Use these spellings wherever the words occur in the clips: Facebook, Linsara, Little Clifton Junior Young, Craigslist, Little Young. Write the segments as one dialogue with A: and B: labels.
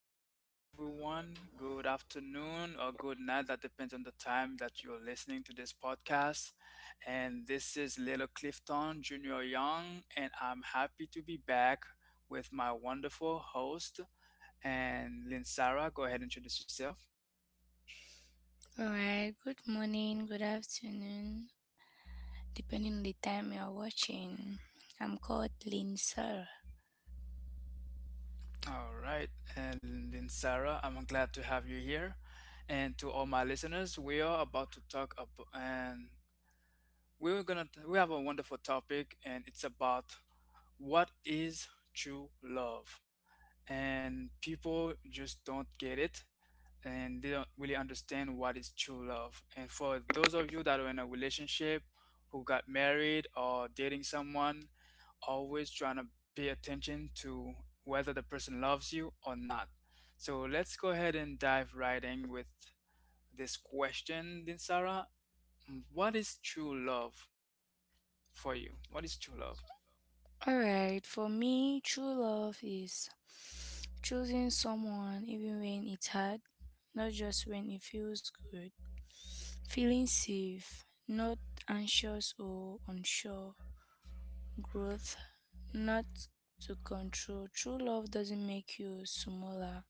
A: Hello, hello everyone. Good afternoon or good night. That depends on the time that you're listening to this podcast. And this is Little Clifton Junior Young, and I'm happy to be back with my wonderful host. And Linsara, go ahead and introduce yourself.
B: All right, good morning, good afternoon, depending on the time you're watching. I'm called Lindsay. All
A: All right. And Linsara, I'm glad to have you here. And to all my listeners, we are about to talk about, and we have a wonderful topic, and it's about what is true love, and people just don't get it, and they don't really understand what is true love. And for those of you that are in a relationship, who got married or dating someone, always trying to pay attention to whether the person loves you or not. So let's go ahead and dive right in with this question then, Sarah. What is true love? For you, what is true love?
B: right, for me, true love is choosing someone even when it's hard, not just when it feels good. Feeling safe, not anxious or unsure. Growth, not to control. True love doesn't make you smaller.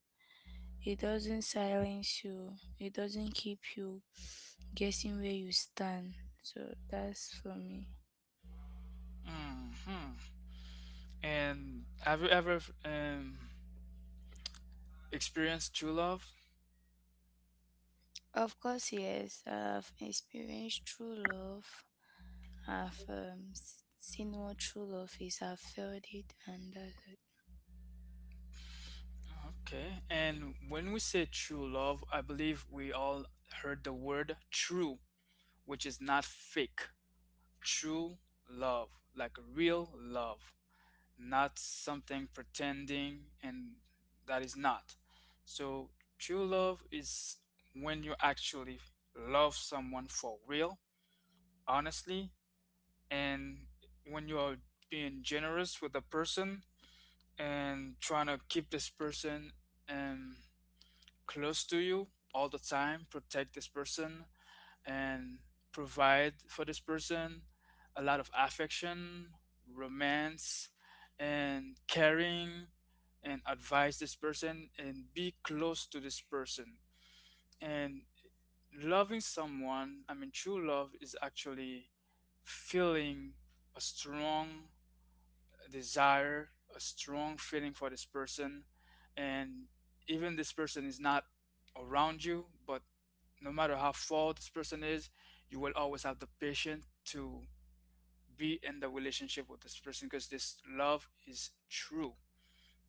B: It doesn't silence you. It doesn't keep you guessing where you stand. So that's for me.
A: Hmm. And have you ever um, experienced true love?
B: Of course, yes, I've experienced true love. I've seen what true love is. I've felt it, and that's it.
A: Okay. And when we say true love, I believe we all heard the word true, which is not fake. True love, like real love, not something pretending and that is not. So, true love is when you actually love someone for real, honestly, and when you are being generous with a person and trying to keep this person um, close to you all the time, protect this person, and provide for this person a lot of affection, romance, and caring, and advise this person and be close to this person. And loving someone, I mean, true love is actually feeling a strong a desire, a strong feeling for this person, and even this person is not around you, but no matter how far this person is, you will always have the patience to be in the relationship with this person because this love is true.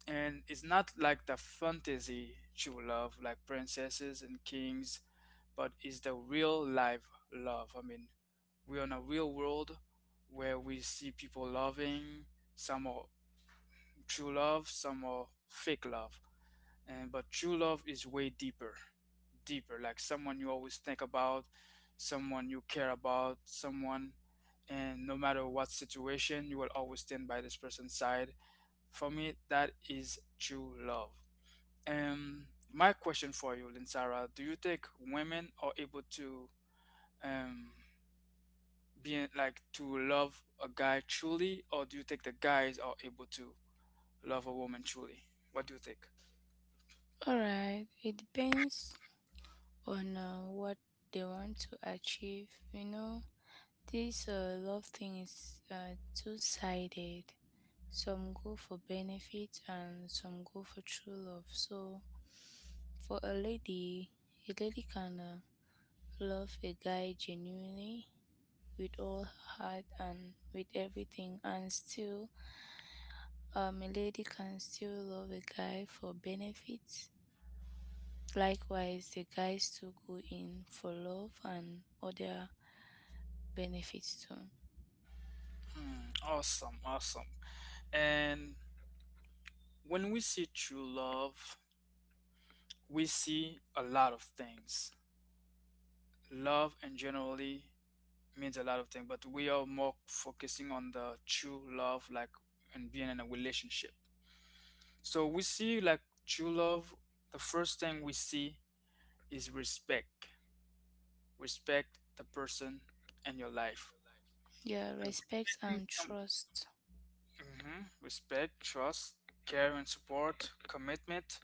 A: And it's not like the fantasy true love, like princesses and kings, but it's the real life love. I mean, we're in a real world where we see people loving, some are true love, some are fake love. And but true love is way deeper, deeper. Like someone you always think about, someone you care about, someone, and no matter what situation, you will always stand by this person's side. For me, that is true love. Um my question for you, Linsara, do you think women are able to um like to love a guy truly, or do you think the guys are able to love a woman truly? What do you think?
B: All right, it depends on what they want to achieve. You know, this love thing is two sided. Some go for benefit and some go for true love. So, for a lady can love a guy genuinely with all her heart and with everything, and still, a lady can still love a guy for benefits. Likewise, the guys too go in for love and other benefits too.
A: Mm, awesome, awesome. And when we see true love, we see a lot of things. Love in generally means a lot of things, but we are more focusing on the true love, like and being in a relationship. So we see like true love. The first thing we see is respect. Respect the person and your life.
B: Yeah,
A: So
B: respect and
A: respecting.
B: trust.
A: Mhm. Respect, trust, care and support, commitment,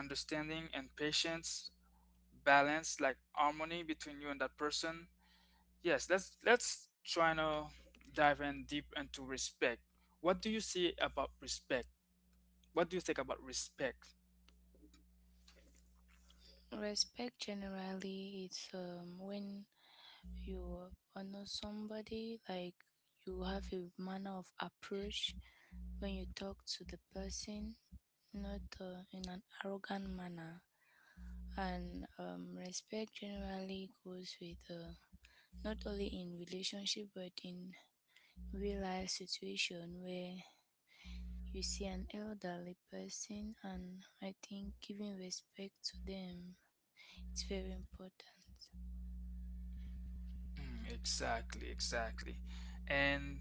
A: understanding and patience, balance, like harmony between you and that person. Yes, let's try to dive in deep into respect. What do you see about respect? What do you think about respect?
B: Respect generally it's when you honor somebody, like you have a manner of approach when you talk to the person, not in an arrogant manner. And respect generally goes with not only in relationship but in real life situation where you see an elderly person, and I think giving respect to them it's very important.
A: Mm, exactly, exactly. And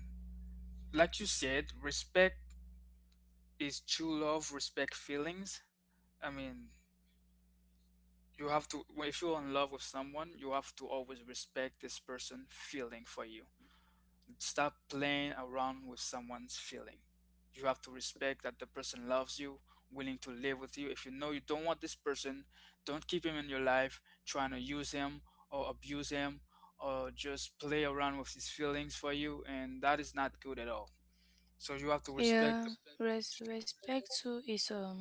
A: like you said, respect is true love, respect feelings. I mean, you have to, well, if you're in love with someone you have to always respect this person feeling for you, stop playing around with someone's feeling. You have to respect that the person loves you, willing to live with you. If you know you don't want this person, don't keep him in your life, trying to use him or abuse him or just play around with his feelings for you, and that is not good at all. So you have to respect
B: Yeah,
A: them.
B: respect too is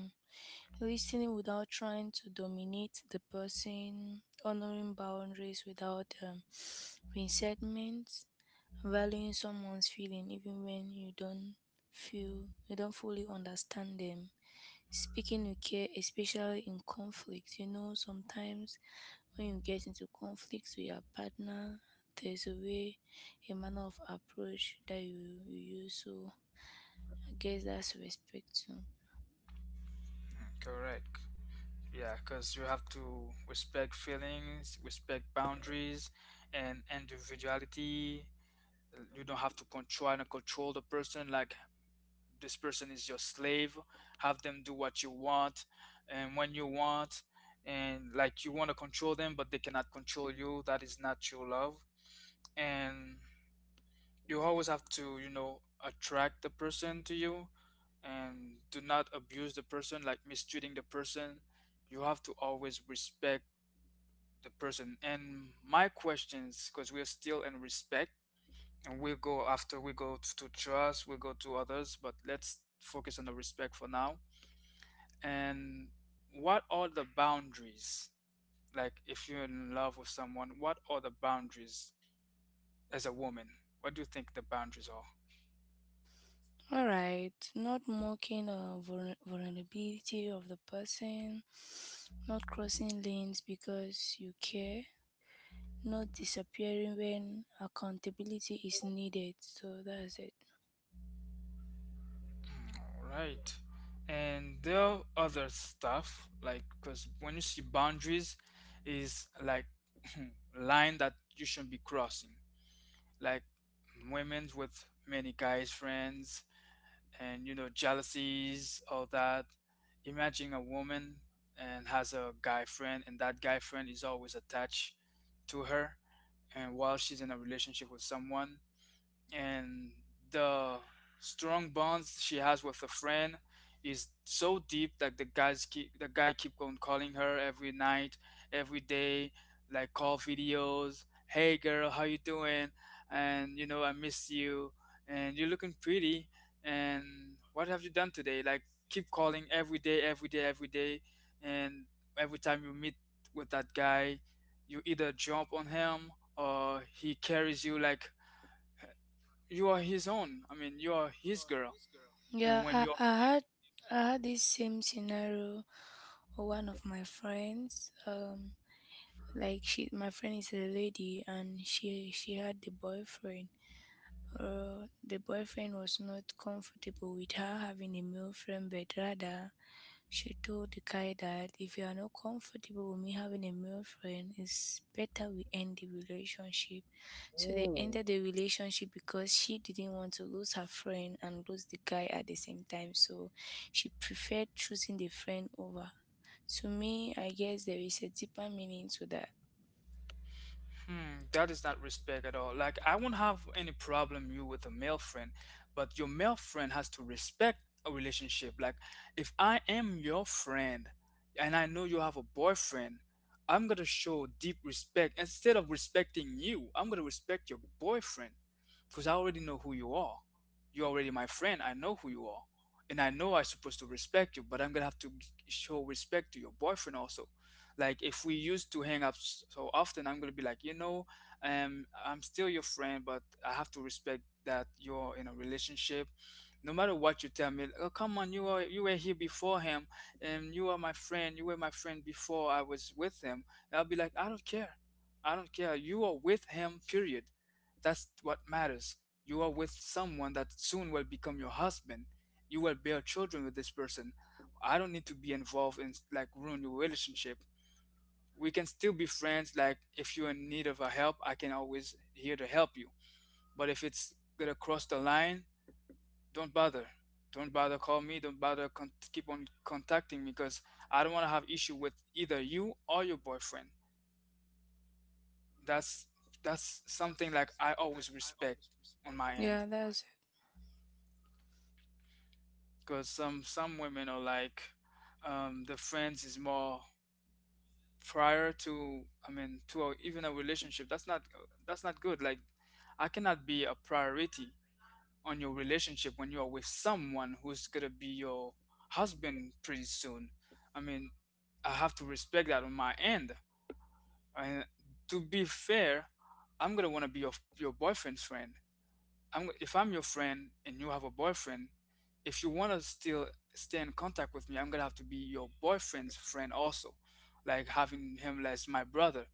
B: listening without trying to dominate the person, honoring boundaries without resentment, valuing someone's feeling even when you don't feel you don't fully understand them, speaking with care, especially in conflict. You know, sometimes when you get into conflicts with your partner, there's a way, a manner of approach that you use. So I guess that's respect too.
A: Correct. Yeah, because you have to respect feelings, respect boundaries, and individuality. You don't have to try to control the person like this person is your slave. Have them do what you want and when you want, and like you want to control them, but they cannot control you. That is not true love. And you always have to, you know, attract the person to you and do not abuse the person, like mistreating the person. You have to always respect the person. And my questions, because we are still in respect, and we'll go after we go to trust, we'll go to others, but let's focus on the respect for now. And what are the boundaries? Like, if you're in love with someone, what are the boundaries as a woman? What do you think the boundaries are?
B: All right, not mocking vulnerability of the person, not crossing lanes because you care, not disappearing when accountability is needed. So that's it.
A: All right. And there are other stuff, like, because when you see boundaries, is like line that you shouldn't be crossing, like women with many guys friends, and you know jealousies all that. Imagine a woman and has a guy friend, and that guy friend is always attached to her, and while she's in a relationship with someone, and the strong bonds she has with a friend is so deep that the guy keep on calling her every night, every day, like call videos. Hey girl, how you doing? And you know I miss you, and you're looking pretty. And what have you done today? Like keep calling every day, every day, every day, and every time you meet with that guy, you either jump on him or he carries you like you are his own. I mean, you are his girl. And
B: Yeah,
A: when you're,
B: I had this same scenario with one of my friends. Like my friend is a lady, and she had the boyfriend, or the boyfriend was not comfortable with her having a male friend, but rather she told the guy that if you are not comfortable with me having a male friend, it's better we end the relationship. So they ended the relationship because she didn't want to lose her friend and lose the guy at the same time. So she preferred choosing the friend over. To me, I guess there is a deeper meaning to that.
A: hmm, that is not respect at all. Like, I won't have any problem you with a male friend, but your male friend has to respect a relationship. Like, if I am your friend and I know you have a boyfriend, I'm gonna show deep respect. Instead of respecting you, I'm gonna respect your boyfriend because I already know who you are. You're already my friend. I know who you are. And I know I'm supposed to respect you, but I'm gonna have to show respect to your boyfriend also. Like if we used to hang up so often, I'm gonna be like, you know, I'm still your friend, but I have to respect that you're in a relationship. No matter what you tell me, oh come on, you were here before him, and you are my friend. You were my friend before I was with him. And I'll be like, I don't care, I don't care. You are with him. Period. That's what matters. You are with someone that soon will become your husband. You will bear children with this person. I don't need to be involved in like ruin your relationship. We can still be friends. Like if you're in need of a help, I can always here to help you. But if it's gonna cross the line, don't bother. Don't bother call me. Don't bother con- Keep on contacting me because I don't want to have issue with either you or your boyfriend. That's that's something like I always respect on my
B: Yeah,
A: end,
B: that's
A: because some women are like, the friends is more prior to, I mean to a, even a relationship. That's not, that's not good. Like I cannot be a priority on your relationship when you are with someone who's gonna be your husband pretty soon. I mean, I have to respect that on my end. And to be fair, I'm gonna want to be your boyfriend's friend. I'm If I'm your friend and you have a boyfriend, if you want to still stay in contact with me, I'm gonna have to be your boyfriend's friend also, like having him as my brother,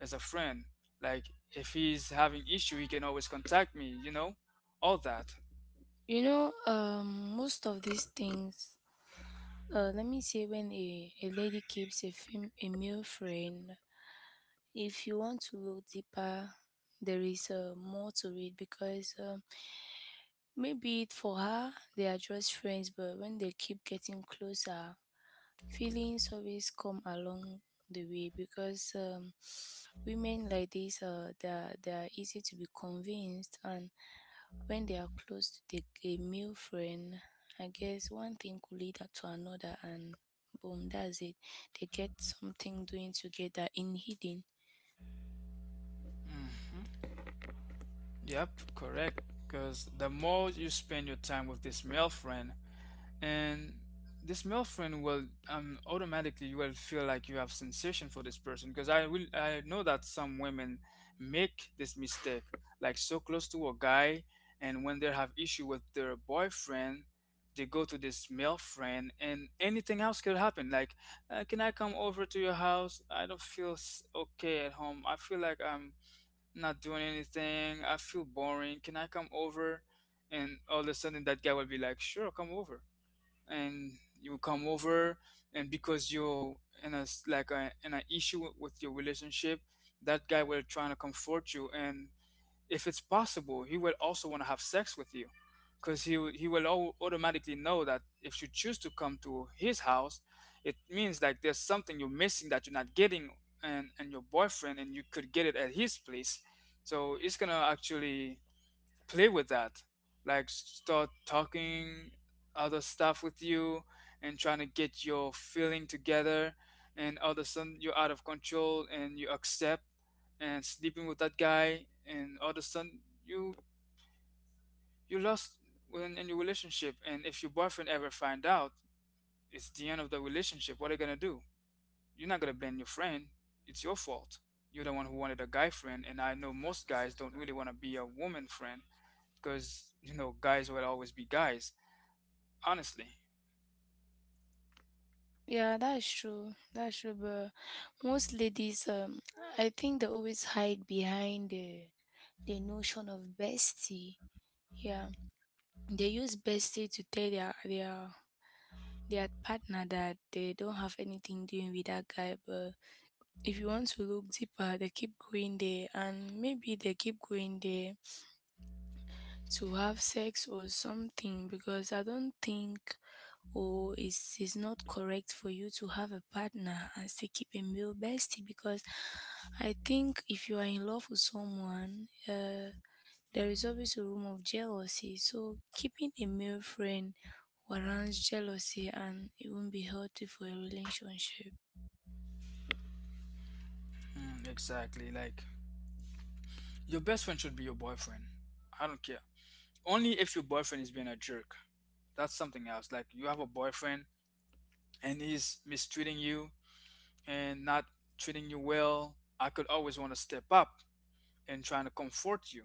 A: as a friend. Like if he's having issue, he can always contact me. You know, all that.
B: You know, most of these things. Let me say when a lady keeps a male friend, if you want to look deeper, there is more to it because maybe for her they are just friends, but when they keep getting closer, feelings always come along the way because women like this they are easy to be convinced, and when they are close to a male friend, I guess one thing could lead to another, and boom, that's it. They get something doing together in hidden.
A: Hmm. Yep, correct. Because the more you spend your time with this male friend, and this male friend will automatically you will feel like you have sensation for this person because I know that some women make this mistake, like so close to a guy. And when they have issue with their boyfriend, they go to this male friend and anything else could happen, like, can I come over to your house? I don't feel s- Okay, at home I feel like I'm not doing anything, I feel boring, can I come over? And all of a sudden that guy will be like, sure, come over. And you come over, and because you're in a s- like a, in an issue with your relationship, that guy will try to comfort you. And if it's possible, he will also want to have sex with you, because he will automatically know that if you choose to come to his house, it means like there's something you're missing that you're not getting and your boyfriend, and you could get it at his place. So it's gonna actually play with that, like start talking other stuff with you, and trying to get your feeling together. And all of a sudden you're out of control and you accept and sleeping with that guy, and all of a sudden you lost in your relationship. And if your boyfriend ever find out, it's the end of the relationship. What are you gonna do? You're not gonna blame your friend, it's your fault. You're the one who wanted a guy friend. And I know most guys don't really want to be a woman friend, because you know guys will always be guys, honestly.
B: Yeah, that's true. That's true. But most ladies, I think they always hide behind the notion of bestie. Yeah, they use bestie to tell their partner that they don't have anything doing with that guy, but if you want to look deeper, they keep going there, and maybe they keep going there to have sex or something because I don't think, or it's not correct for you to have a partner and still keep a male bestie because I think if you are in love with someone, there is always a room of jealousy. So keeping a male friend warrants jealousy and it won't be healthy for a relationship.
A: Mm, exactly. Like your best friend should be your boyfriend, I don't care. Only if your boyfriend is being a jerk, that's something else. Like you have a boyfriend and he's mistreating you and not treating you well, I could always want to step up and trying to comfort you,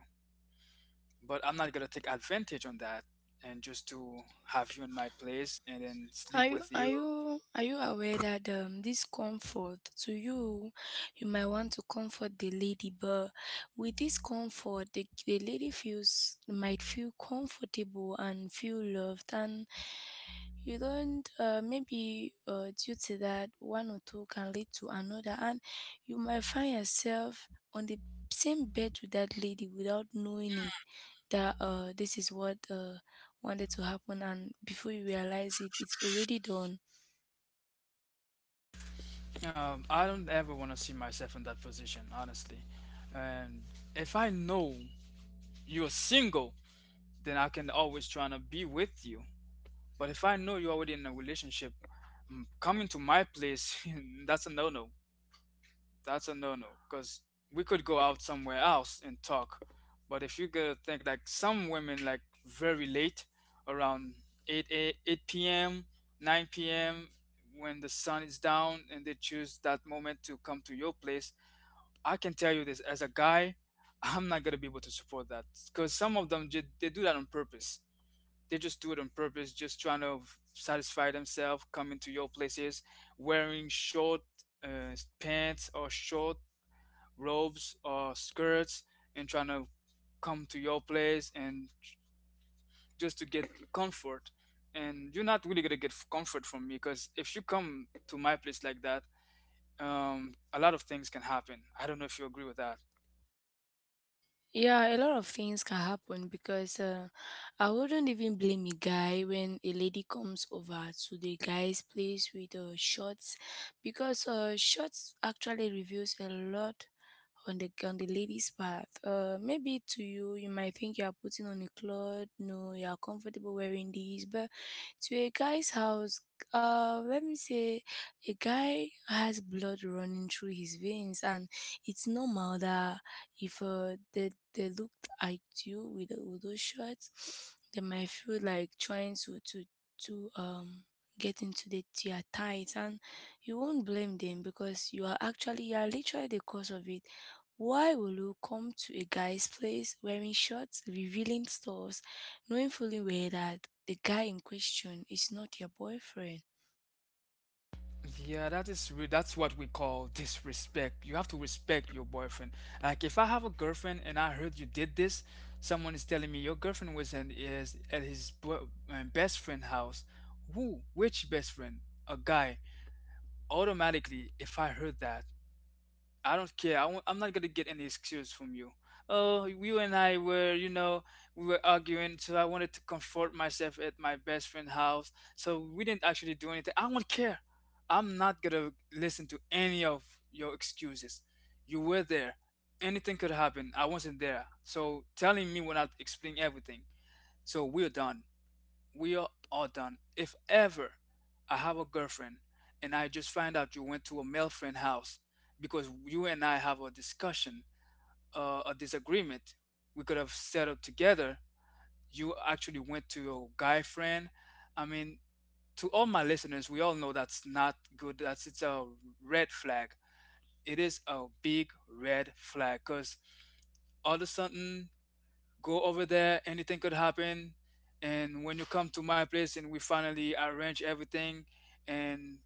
A: but I'm not going to take advantage on that and just to have you in my place and then
B: Are
A: sleep
B: you
A: with
B: are
A: you.
B: you are you aware that this comfort to you, you might want to comfort the lady, but with this comfort, the lady feels might feel comfortable and feel loved, and you don't maybe due to that, one or two can lead to another, and you might find yourself on the same bed with that lady without knowing it, that this is what wanted to happen, and before you realize it, it's already done.
A: I don't ever want to see myself in that position, honestly. And if I know you're single, then I can always try to be with you. But if I know you're already in a relationship, mm, coming to my place, that's a no-no. That's a no-no. Because we could go out somewhere else and talk. But if you gotta think like some women like very late, around 8, 8, p.m., 9 p.m., when the sun is down and they choose that moment to come to your place, I can tell you this as a guy, I'm not gonna be able to support that, because some of them they do that on purpose. They just do it on purpose, just trying to satisfy themselves, coming to your places, wearing short pants or short robes or skirts, and trying to come to your place and just to get comfort. And you're not really gonna get comfort from me, because if you come to my place like that, a lot of things can happen. I don't know if you agree with that.
B: Yeah, a lot of things can happen because I wouldn't even blame a guy when a lady comes over to the guy's place with shorts because shorts actually reveals a lot on the lady's part. Maybe to you, you might think you are putting on a cloth, no, you are comfortable wearing these, but to a guy's house, let me say, a guy has blood running through his veins, and it's normal that if they they looked at you with, with those shots, they might feel like trying to get into the their tights, and you won't blame them because you are literally the cause of it. Why will you come to a guy's place wearing shorts, revealing stuffs, knowing fully well that the guy in question is not your boyfriend?
A: Yeah, that is re that's what we call disrespect. You have to respect your boyfriend. Like if I have a girlfriend and I heard you did this, someone is telling me your girlfriend was in is at his bo best friend house. Who? Which best friend? A guy. Automatically, if I heard that, I don't care. I'm not gonna get any excuse from you. Oh, you and I were, you know, we were arguing, so I wanted to comfort myself at my best friend's house. So we didn't actually do anything. I won't care. I'm not gonna listen to any of your excuses. You were there. Anything could happen. I wasn't there. So telling me will not explain everything. So we are all done. If ever I have a girlfriend and I just find out you went to a male friend house because you and I have a discussion, a disagreement, we could have settled together. You actually went to your guy friend. I mean, to all my listeners, we all know that's not good. That's it's a red flag. It is a big red flag, because all of a sudden go over there, anything could happen. And when you come to my place and we finally arrange everything, and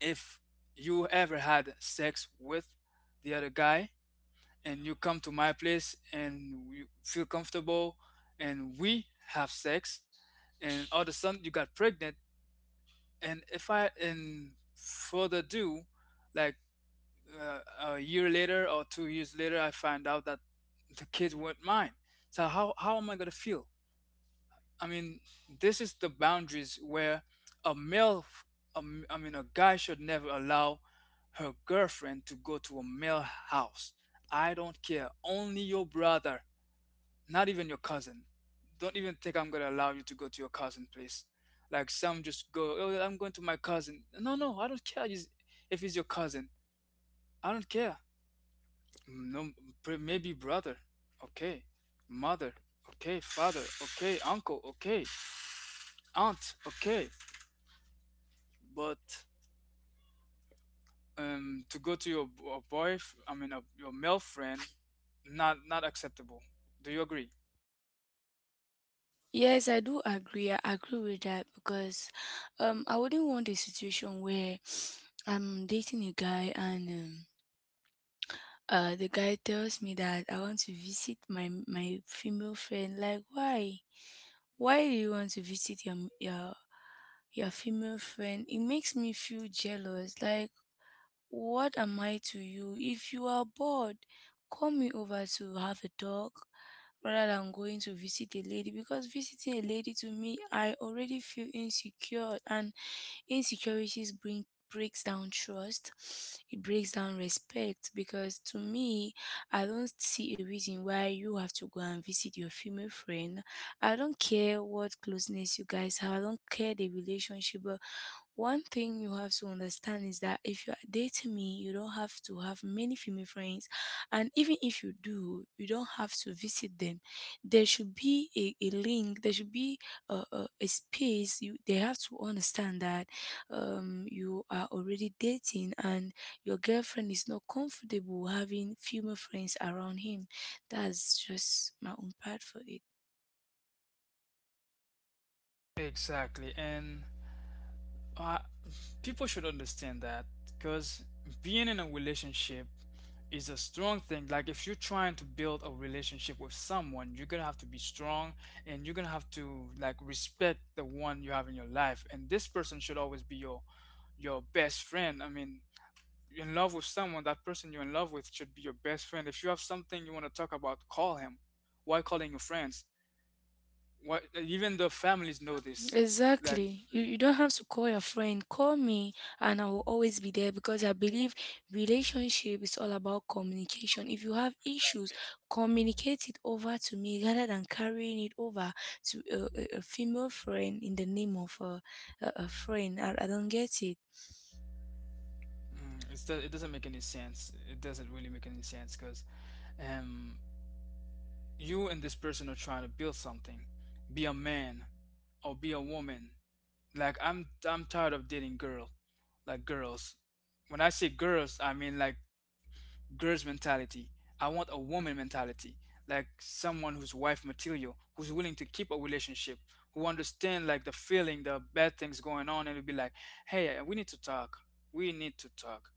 A: if you ever had sex with the other guy and you come to my place and you feel comfortable and we have sex and all of a sudden you got pregnant, and if I and further ado, like, uh, a year later or 2 years later I find out that the kid weren't mine, so how am I going to feel? I mean, this is the boundaries where a male, f- a m- I mean, a guy should never allow her girlfriend to go to a male house. I don't care. Only your brother, not even your cousin. Don't even think I'm gonna allow you to go to your cousin place. Like some just go, oh, I'm going to my cousin. No, no, I don't care if he's your cousin. I don't care. Mm, no, maybe brother. Okay, mother. Okay, father. Okay, uncle. Okay, aunt. Okay, but to go to your a boy, I mean, your male friend, not acceptable. Do you agree?
B: Yes, I do agree. I agree with that because I wouldn't want a situation where I'm dating a guy, and the guy tells me that I want to visit my female friend. Like why? Why do you want to visit your female friend? It makes me feel jealous. Like what am I to you? If you are bored, call me over to have a talk rather than going to visit a lady, because visiting a lady, to me, I already feel insecure, and insecurities bring breaks down trust, it breaks down respect, because to me, I don't see a reason why you have to go and visit your female friend. I don't care what closeness you guys have, I don't care the relationship, but one thing you have to understand is that if you are dating me, you don't have to have many female friends. And even if you do, you don't have to visit them. There should be a link, there should be a space. You, they have to understand that you are already dating, and your girlfriend is not comfortable having female friends around him. That's just my own part for it.
A: Exactly, and uh, people should understand that, because being in a relationship is a strong thing. Like if you're trying to build a relationship with someone, you're gonna have to be strong, and you're gonna have to like respect the one you have in your life. And this person should always be your best friend. I mean, you're in love with someone, that person you're in love with should be your best friend. If you have something you want to talk about, call him. Why calling your friends? Why even the families know this. Like,
B: Exactly. You don't have to call your friend. Call me, and I will always be there because I believe relationship is all about communication. If you have issues, communicate it over to me rather than carrying it over to a female friend in the name of a friend. I don't get it.
A: mm, it doesn't make any sense. It doesn't really make any sense, because um, you and this person are trying to build something. Be a man or be a woman. Like, I'm tired of dating girl, like girls. When I say girls, I mean like girl's mentality. I want a woman mentality, like someone who's wife material, who's willing to keep a relationship, who understand like the feeling, the bad things going on, and will be like, hey, we need to talk. We need to talk.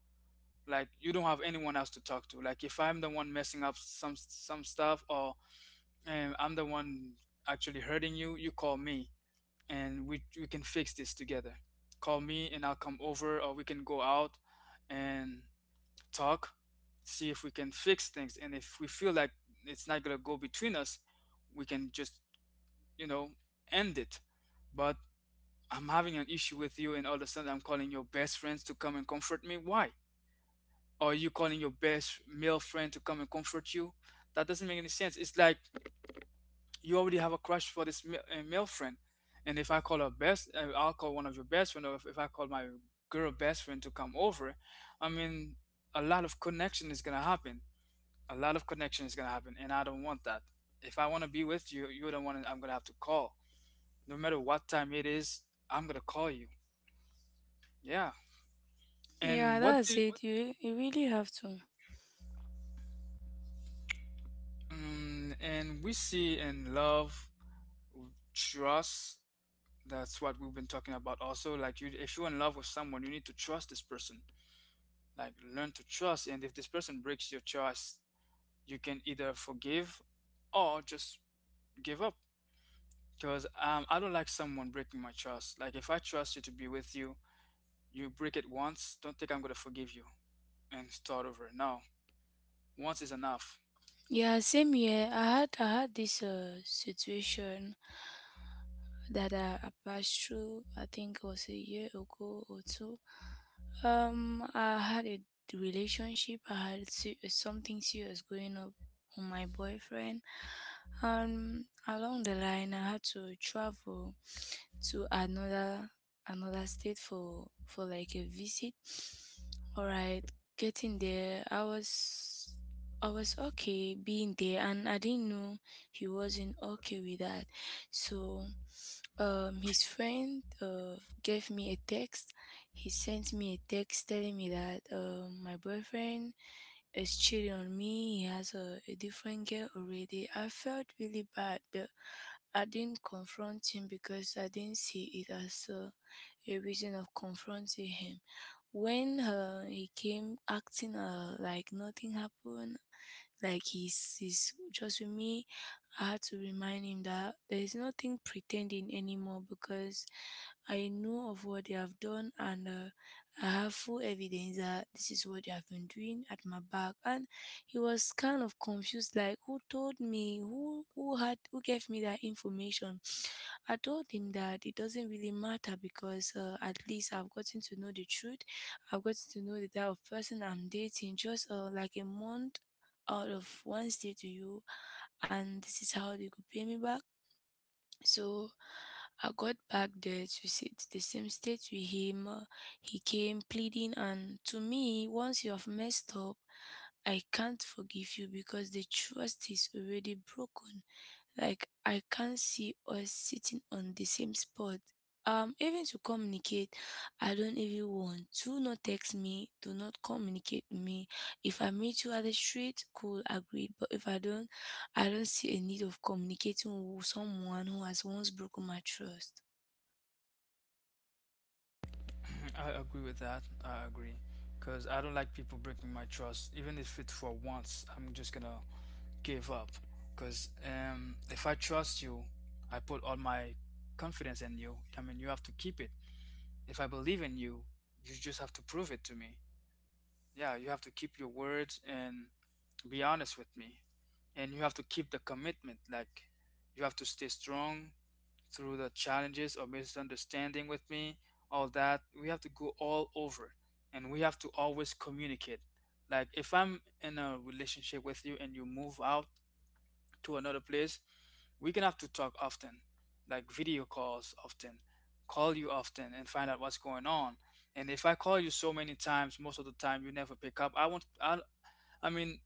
A: Like you don't have anyone else to talk to. Like if I'm the one messing up some stuff, or I'm the one actually hurting you, you call me, and we can fix this together. Call me, and I'll come over, or we can go out, and talk, see if we can fix things. And if we feel like it's not going to go between us, we can just, you know, end it. But I'm having an issue with you, and all of a sudden I'm calling your best friends to come and comfort me. Why? Or you calling your best male friend to come and comfort you? That doesn't make any sense. It's like you already have a crush for this male friend. And if I call I'll call one of your best friends, or if I call my girl best friend to come over, I mean, a lot of connection is gonna happen a lot of connection is gonna happen, and I don't want that. If I want to be with you, you're the one I'm gonna have to call. No matter what time it is, I'm gonna call you. Yeah.
B: Yeah,
A: And what
B: that's
A: do
B: it. You really have to.
A: mm, and we see in love, trust. That's what we've been talking about. Also, like you, if you're in love with someone, you need to trust this person. Like learn to trust, and if this person breaks your trust, you can either forgive or just give up. Because I don't like someone breaking my trust. Like if I trust you to be with you, you break it once, don't think I'm gonna forgive you and start over. No, once is enough.
B: Yeah, same here. I had this situation that I passed through, I think it was a year ago or two. I had a relationship. I had something serious going up with my boyfriend. Along the line, I had to travel to another state for like a visit. All right, getting there, I was okay being there, and I didn't know he wasn't okay with that, so his friend gave me a text. He sent me a text telling me that my boyfriend is cheating on me. He has a different girl already. I felt really bad, but I didn't confront him because I didn't see it as a reason of confronting him. When he came acting like nothing happened, like he's just with me, I had to remind him that there is nothing pretending anymore because I know of what they have done, and I have full evidence that this is what they have been doing at my back. And he was kind of confused, like who told me, who gave me that information. I told him that it doesn't really matter because at least I've gotten to know the truth. I've gotten to know the type of person I'm dating just like a month out of one stay to you, and this is how they could pay me back. So I got back there to sit the same state with him. He came pleading, and to me, once you have messed up, I can't forgive you because the trust is already broken. Like I can't see us sitting on the same spot. Even to communicate, I don't even want. Do not text me. Do not communicate with me. If I meet you at the street, cool, agreed. But if I don't, I don't see a need of communicating with someone who has once broken my trust.
A: I agree with that. I agree. Because I don't like people breaking my trust. Even if it's for once, I'm just gonna give up. Because if I trust you, I put all my confidence in you. I mean, you have to keep it. If I believe in you, you just have to prove it to me. Yeah, you have to keep your words and be honest with me. And you have to keep the commitment. Like, you have to stay strong through the challenges or misunderstanding with me, all that. We have to go all over, and we have to always communicate. Like if I'm in a relationship with you and you move out to another place, we can have to talk often, like video calls often, call you often and find out what's going on. And if I call you so many times, most of the time you never pick up, I won't I mean,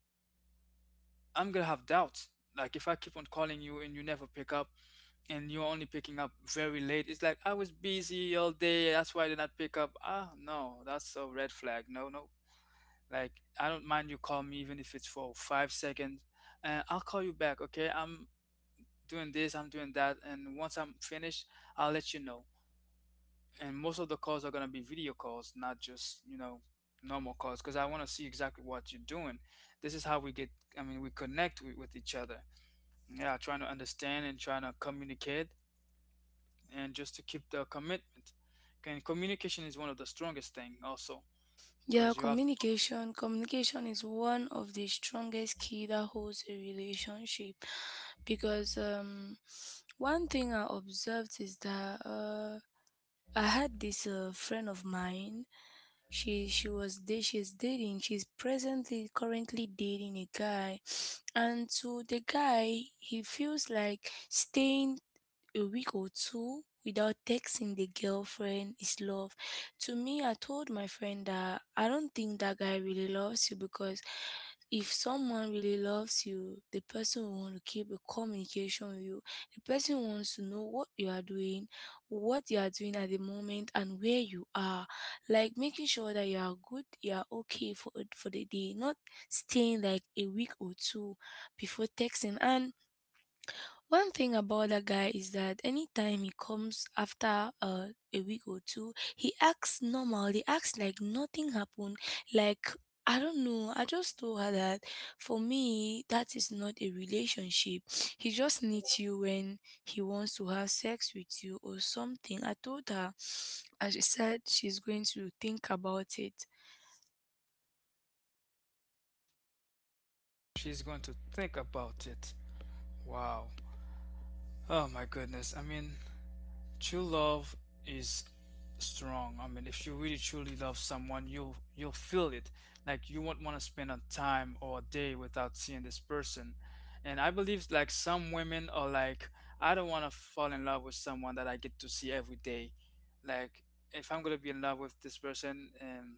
A: I'm gonna have doubts. Like if I keep on calling you and you never pick up, and you're only picking up very late. It's like I was busy all day, that's why I did not pick up. Ah, no, that's a red flag. No, no. Like I don't mind you call me even if it's for 5 seconds, and I'll call you back. Okay, I'm doing this, I'm doing that, and once I'm finished, I'll let you know. And most of the calls are gonna be video calls, not just you know normal calls, because I want to see exactly what you're doing. This is how we get. I mean, we connect with each other. Yeah, trying to understand and trying to communicate and just to keep the commitment. And communication is one of the strongest thing also
B: Yeah,
A: because you have to,
B: communication. Communication is one of the strongest key that holds a relationship, because one thing I observed is that I had this friend of mine. She's dating. She's presently currently dating a guy, and to the guy, he feels like staying a week or two without texting the girlfriend is love. To me, I told my friend that I don't think that guy really loves you, because if someone really loves you, the person will want to keep a communication with you. The person wants to know what you are doing, what you are doing at the moment, and where you are. Like making sure that you are good, you are okay for the day, not staying like a week or two before texting. And one thing about that guy is that anytime he comes after a week or two, he acts normal. He acts like nothing happened. Like, I don't know. I just told her that for me, that is not a relationship. He just needs you when he wants to have sex with you or something. I told her, and she said she's going to think about it.
A: she's going to think about it. Wow. Oh my goodness. I mean, true love is strong. I mean, if you really truly love someone, you'll feel it. Like you won't want to spend a time or a day without seeing this person. And I believe like some women are like, I don't want to fall in love with someone that I get to see every day. Like if I'm gonna be in love with this person and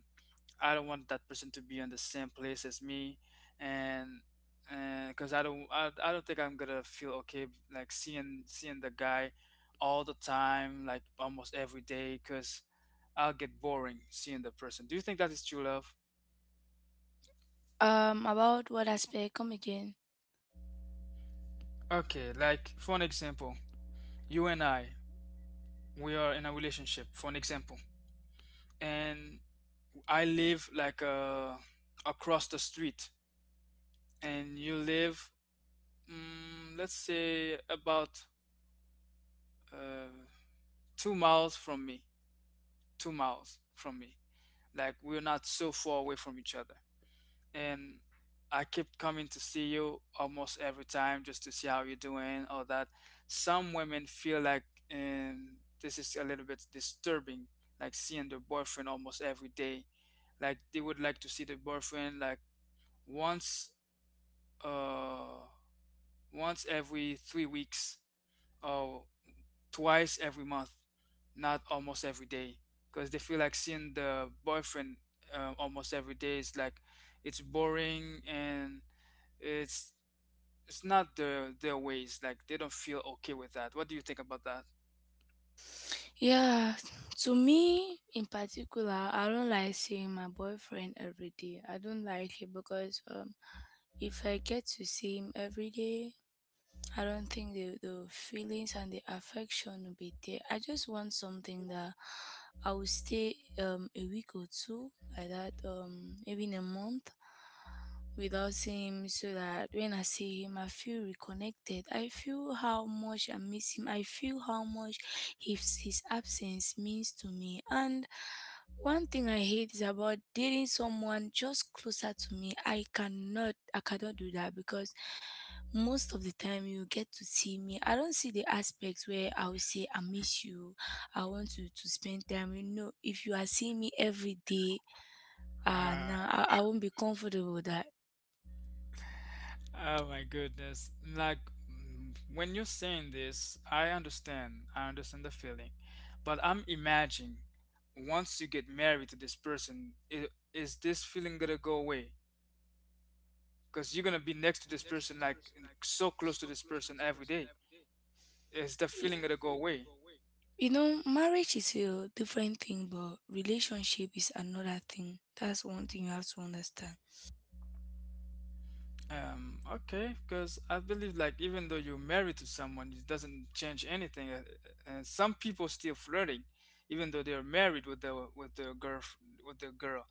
A: I don't want that person to be in the same place as me, and and because I don't think I'm gonna feel okay like seeing the guy all the time like almost every day because I'll get boring seeing the person. Do you think that is true love?
B: About what aspect? Come again.
A: Okay, like for an example, you and I we are in a relationship. For an example, and I live like across the street, and you live let's say about. Uh, 2 miles from me, 2 miles from me. Like we're not so far away from each other. And I kept coming to see you almost every time just to see how you're doing, all that. Some women feel like this is a little bit disturbing, like seeing their boyfriend almost every day. Like they would like to see their boyfriend like once, uh, once every 3 weeks, or twice every month, not almost every day, because they feel like seeing the boyfriend almost every day is like it's boring and it's it's not their ways. Like they don't feel okay with that. What do you think about that?
B: Yeah, to me in particular, I don't like seeing my boyfriend every day. I don't like it, because if I get to see him every day, I don't think the feelings and the affection will be there. I just want something that I will stay a week or two like that, maybe in a month without seeing him, so that when I see him I feel reconnected. I feel how much I miss him. I feel how much his absence means to me. And one thing I hate is about dating someone just closer to me. I cannot do that, because most of the time you get to see me. I don't see the aspects where I will say I miss you. I want you to spend time. If you are seeing me every day,
A: Uh,
B: now I won't be comfortable with that.
A: oh my goodness! Like when you're saying this, I understand. I understand the feeling, but I'm imagining once you get married to this person, is this feeling gonna go away? Because you're gonna be next to this person, like so close to this person every day. It's the feeling gonna go away.
B: You know, marriage is a different thing, but relationship is another thing. That's one thing you have to understand.
A: Okay, because I believe like even though you're married to someone, it doesn't change anything. Some people still flirting, even though they're married with the girl with the girl,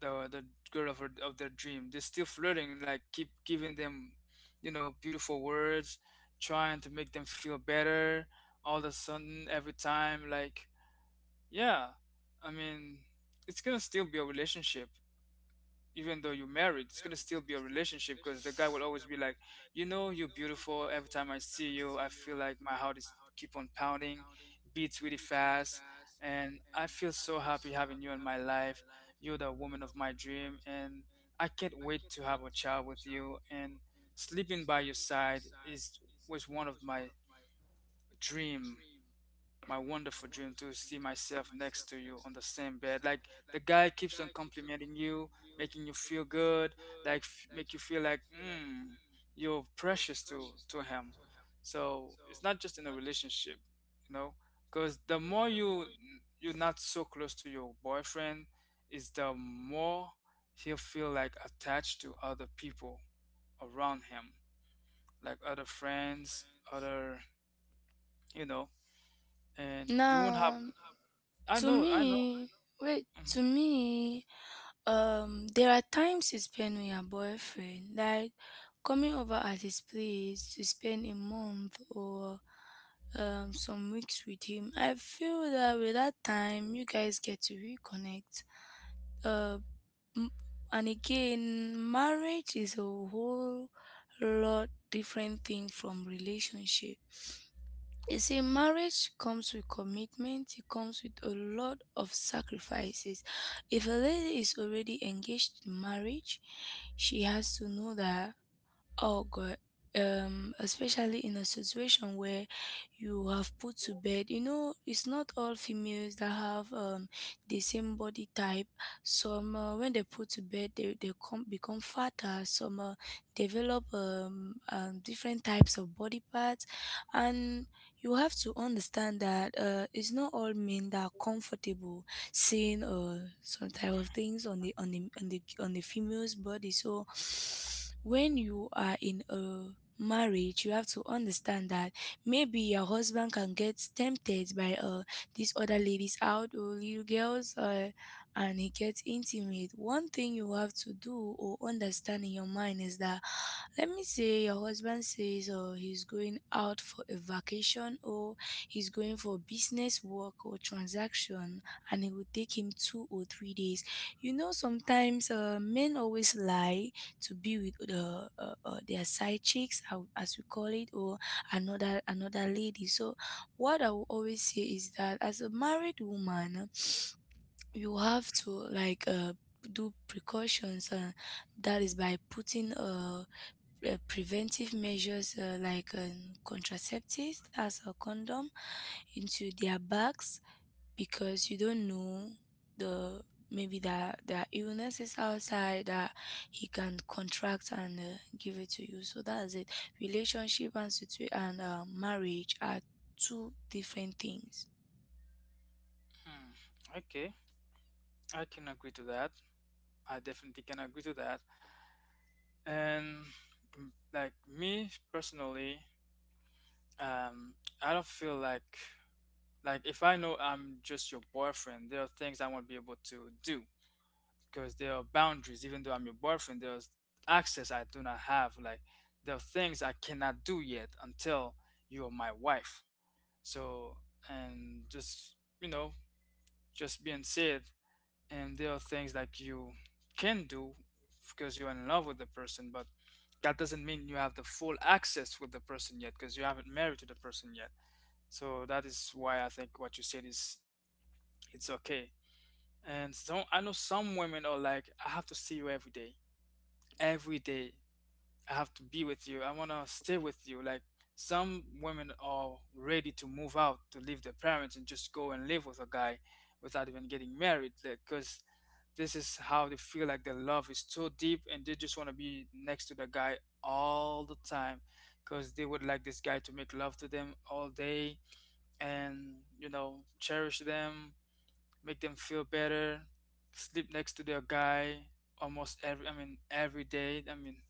A: the girl of her, of their dream. They're still flirting, like keep giving them, you know, beautiful words, trying to make them feel better. All of a sudden, every time, like yeah, I mean, it's gonna still be a relationship, even though you're married. It's gonna still be a relationship because the guy will always be like, you know, you're beautiful. Every time I see you, I feel like my heart is keep on pounding, beats really fast, and I feel so happy having you in my life. You're the woman of my dream, and I can't wait to have a child with you. And sleeping by your side is was one of my dream. My wonderful dream to see myself next to you on the same bed. Like the guy keeps on complimenting you, making you feel good, like make you feel like you're precious to him. So it's not just in a relationship, you know, because the more you you're not so close to your boyfriend, is the more he'll feel like attached to other people around him, like other friends, other you know, and you won't have.
B: Now,
A: I
B: to
A: know, I know.
B: me, wait,
A: Mhm.
B: to me, there are times he spent with your boyfriend, like coming over at his place to spend a month or some weeks with him. I feel that with that time, you guys get to reconnect. Uh, m- and again, marriage is a whole lot different thing from relationship. You see, marriage comes with commitment, it comes with a lot of sacrifices. If a lady is already engaged in marriage, she has to know that. Oh God. Especially in a situation where you have put to bed, it's not all females that have the same body type. Some when they put to bed, they come become fatter. Some develop different types of body parts, and you have to understand that it's not all men that are comfortable seeing some type of things on the female's body. So when you are in a marriage, you have to understand that maybe your husband can get tempted by these other ladies out or little girls, and he gets intimate. One thing you have to do or understand in your mind is that let me say your husband says he's going out for a vacation, or he's going for business work or transaction, and it would take him 2 or 3 days. Sometimes men always lie to be with their side chicks, as we call it, or another lady. So, what I will always say is that as a married woman, you have to like do precautions. That is by putting preventive measures, like contraceptives, that's a condom, into their bags, because you don't know. The Maybe that illness is outside, that he can contract and give it to you. So that's it: relationship and marriage are two different things.
A: Okay, I can agree to that. I definitely can agree to that. And like me personally, um, I don't feel like if I know I'm just your boyfriend, there are things I won't be able to do because there are boundaries. Even though I'm your boyfriend, there's access I do not have. Like there are things I cannot do yet until you are my wife. So and just you know just being said, and there are things like you can do because you're in love with the person, but that doesn't mean you have the full access with the person yet because you haven't married to the person yet. So that is why I think what you said is it's okay. And so I know some women are like, I have to see you every day, every day. I have to be with you. I want to stay with you. Like some women are ready to move out, to leave their parents and just go and live with a guy without even getting married because this is how they feel like their love is so deep and they just want to be next to the guy all the time because they would like this guy to make love to them all day and you know cherish them, make them feel better, sleep next to their guy almost every, I mean every day, I mean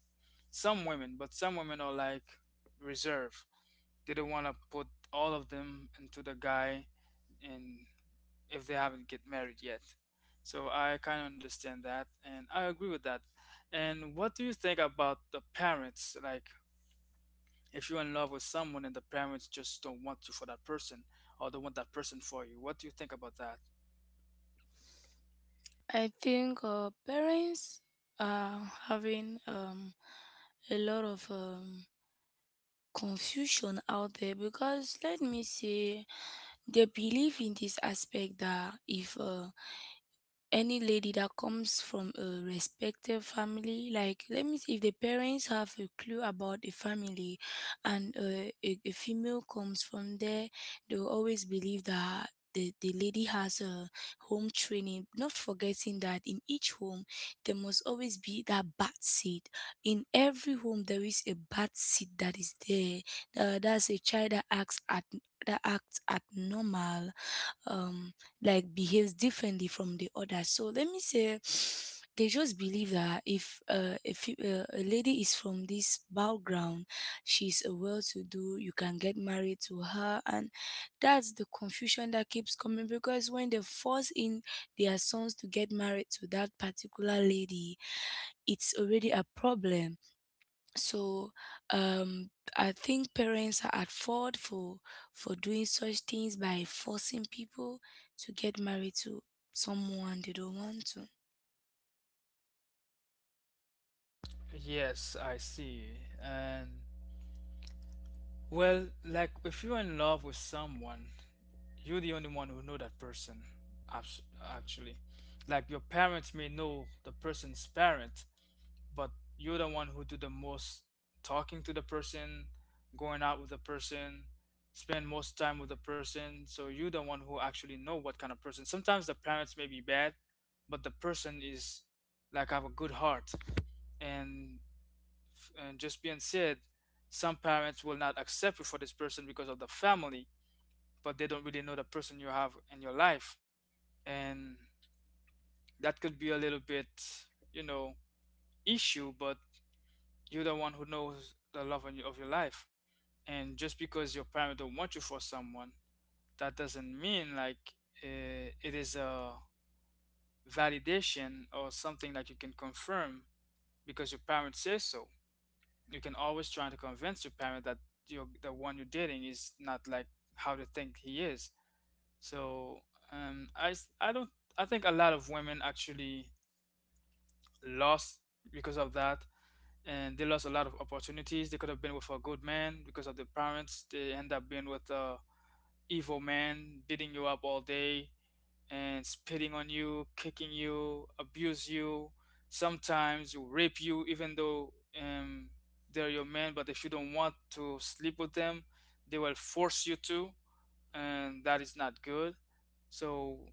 A: some women, but some women are like reserved. They don't want to put all of them into the guy and if they haven't get married yet. So I kind of understand that and I agree with that. And what do you think about the parents? Like if you're in love with someone and the parents just don't want you for that person or don't want that person for you. What do you think about that?
B: I think parents are having a lot of confusion out there, because let me say, they believe in this aspect that if any lady that comes from a respected family, like let me see, if the parents have a clue about the family, and a female comes from there, they'll always believe that the lady has a home training, not forgetting that in each home there must always be that bat seed. In every home there is a bat seed that is there, that's a child that acts at that acts abnormal, um like behaves differently from the others. So let me say, they just believe that if a lady is from this background, she's a well-to-do, you can get married to her. And that's the confusion that keeps coming, because when they force in their sons to get married to that particular lady, it's already a problem. So, um I think parents are at fault for doing such things, by forcing people to get married to someone they don't want to.
A: Yes, I see. And well, like if you're in love with someone, you're the only one who know that person. Actually, like your parents may know the person's parent, but you're the one who do the most talking to the person, going out with the person, spend most time with the person. So you're the one who actually know what kind of person. Sometimes the parents may be bad, but the person is like have a good heart. And, and just being said, some parents will not accept you for this person because of the family, but they don't really know the person you have in your life and that could be a little bit you know issue but you're the one who knows the love of your life and just because your parents don't want you for someone, that doesn't mean like it is a validation or something that you can confirm because your parents say so. You can always try to convince your parent that you're, the one you're dating is not like how they think he is. So I, s- I don't I think a lot of women actually lost because of that and they lost a lot of opportunities. They could have been with a good man because of the parents. They end up being with a evil man, beating you up all day and spitting on you, kicking you, abuse you, sometimes rape you, even though um, they're your man. But if you don't want to sleep with them, they will force you to, and that is not good. So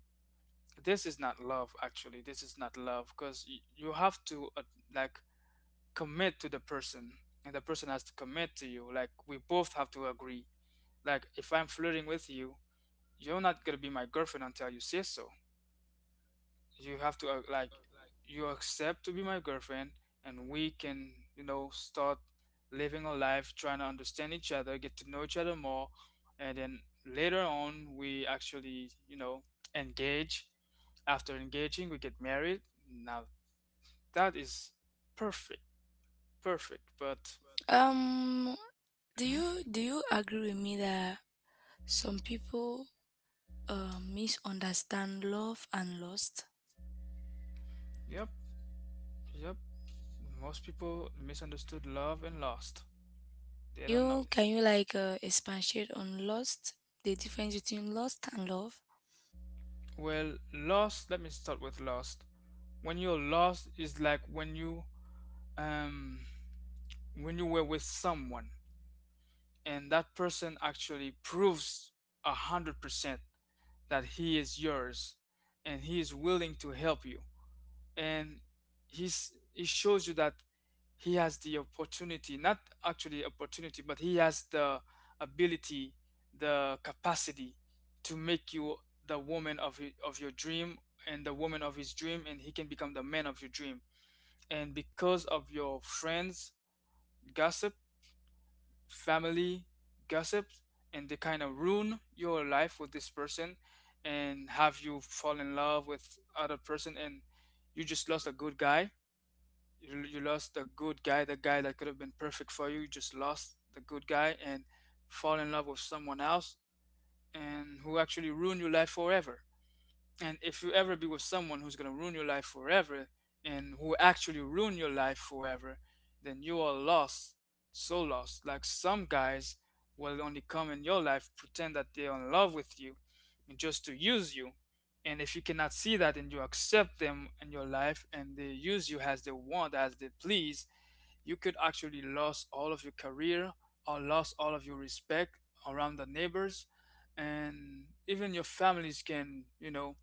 A: this is not love, actually this is not love because you have to like commit to the person and the person has to commit to you. Like we both have to agree. Like if I'm flirting with you, you're not going to be my girlfriend until you say so. You have to like you accept to be my girlfriend and we can you know start living a life, trying to understand each other, get to know each other more, and then later on we actually you know engage. After engaging we get married. Now that is perfect, perfect but
B: um do you
A: mhm.
B: do you agree with me that some people misunderstand love and lust?
A: Yep. Yep, most people misunderstood love and lost.
B: Can
A: They don't know.
B: you like expatiate on lust, the difference between lust and love?
A: Well, lost, let me start with lost. When you're lost is like um when you were with someone and that person actually proves 100% that he is yours and he is willing to help you. And he shows you that he has the opportunity, not actually opportunity but he has the ability, the capacity to make you the woman of of your dream and the woman of his dream and he can become the man of your dream. And because of your friends gossip, family gossip, and they kind of ruin your life with this person and have you fall in love with other person and you just lost a good guy. You lost a good guy, the guy that could have been perfect for you. You just lost the good guy and fall in love with someone else and who actually ruined your life forever. And if you ever be with someone who's gonna ruin your life forever and who actually ruin your life forever, then you are lost, so lost. Like some guys will only come in your life, pretend that they're in love with you, and just to use you. And if you cannot see that and you accept them in your life and they use you as they want, as they please, you could actually lose all of your career or lose all of your respect around the neighbors and even your families can you know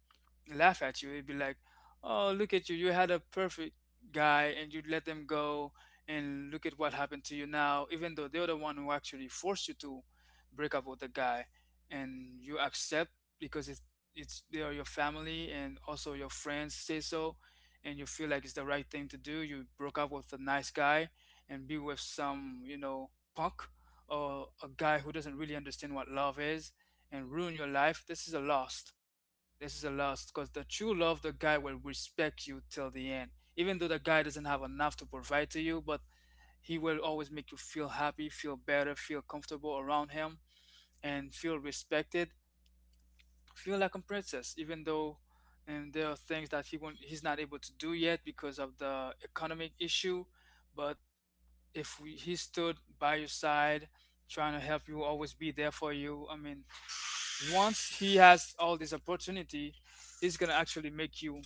A: laugh at you. It'd be like, "Oh, look at you! You had a perfect guy, and you let them go, and look at what happened to you now." Even though they're the one who actually forced you to break up with the guy, and you accept because it's they are your family, and also your friends say so, and you feel like it's the right thing to do. You broke up with a nice guy and be with some, punk or a guy who doesn't really understand what love is and ruin your life. This is a loss because the true love, the guy will respect you till the end. Even though the guy doesn't have enough to provide to you, but he will always make you feel happy, feel better, feel comfortable around him, and feel respected. Feel like a princess, even though and there are things that he's not able to do yet because of the economic issue. But if we, he stood by your side, trying to help you, always be there for you. I mean, once he has all this opportunity, he's gonna actually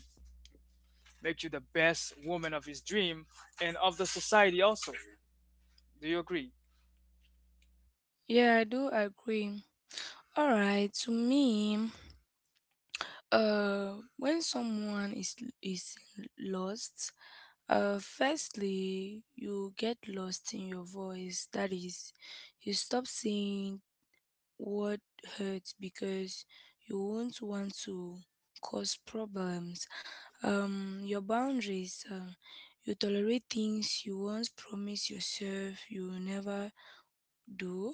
A: make you the best woman of his dream and of the society also. Do you agree?
B: Yeah, I do agree. All right, to me, when someone is lost, firstly you get lost in your voice. That is, you stop saying what hurts, because you won't want to cause problems. Your boundaries, you tolerate things you once promised yourself you will never do.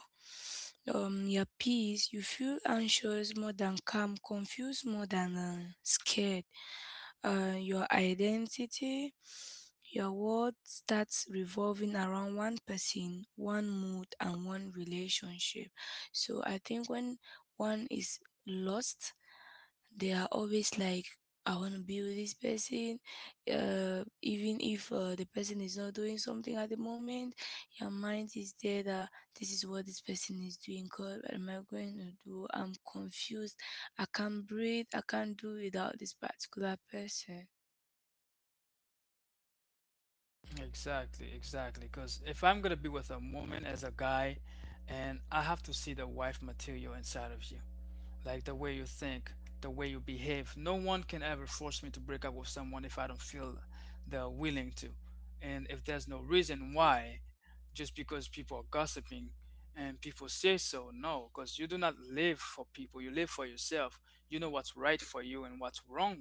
B: Your peace, you feel anxious more than calm, confused more than scared. Your identity, your world starts revolving around one person, one mood, and one relationship. So I think when one is lost, they are always like, I want to be with this person, even if the person is not doing something at the moment, your mind is there that this is what this person is doing. God, what am I going to do? I'm confused. I can't breathe. I can't do without this particular person.
A: Exactly, exactly. Because if I'm gonna be with a woman as a guy, and I have to see the wife material inside of you. Like the way you think, the way you behave. No one can ever force me to break up with someone if I don't feel they're willing to. And if there's no reason why, just because people are gossiping and people say so, no, because you do not live for people, you live for yourself. You know what's right for you and what's wrong.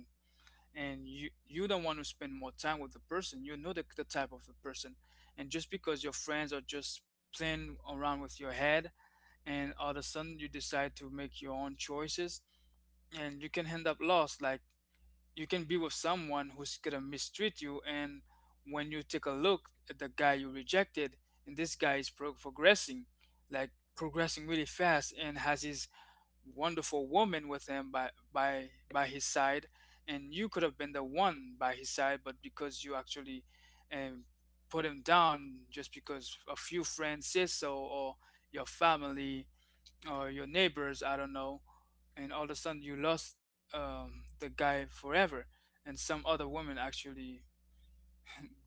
A: And you don't want to spend more time with the person. You know the type of the person. And just because your friends are just playing around with your head and all of a sudden you decide to make your own choices and you can end up lost. Like you can be with someone who's gonna mistreat you, and when you take a look at the guy you rejected, and this guy is progressing, like progressing really fast, and has his wonderful woman with him by his side, and you could have been the one by his side, but because you actually um, put him down just because a few friends say so, or your family or your neighbors, I don't know, and all of a sudden you lost the guy forever and some other woman actually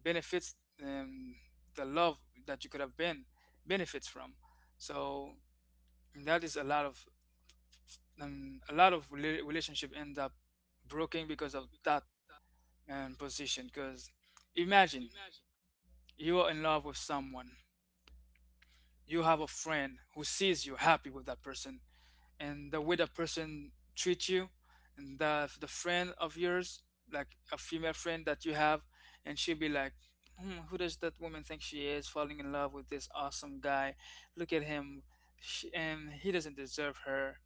A: benefits um, the love that you could have been benefits from, so that is a lot of relationship end up broken because of that position. Because imagine you are in love with someone, you have a friend who sees you happy with that person and the way the person treats you, and the friend of yours, like a female friend that you have, and she'll be like, who does that woman think she is, falling in love with this awesome guy, look at him. And he doesn't deserve her,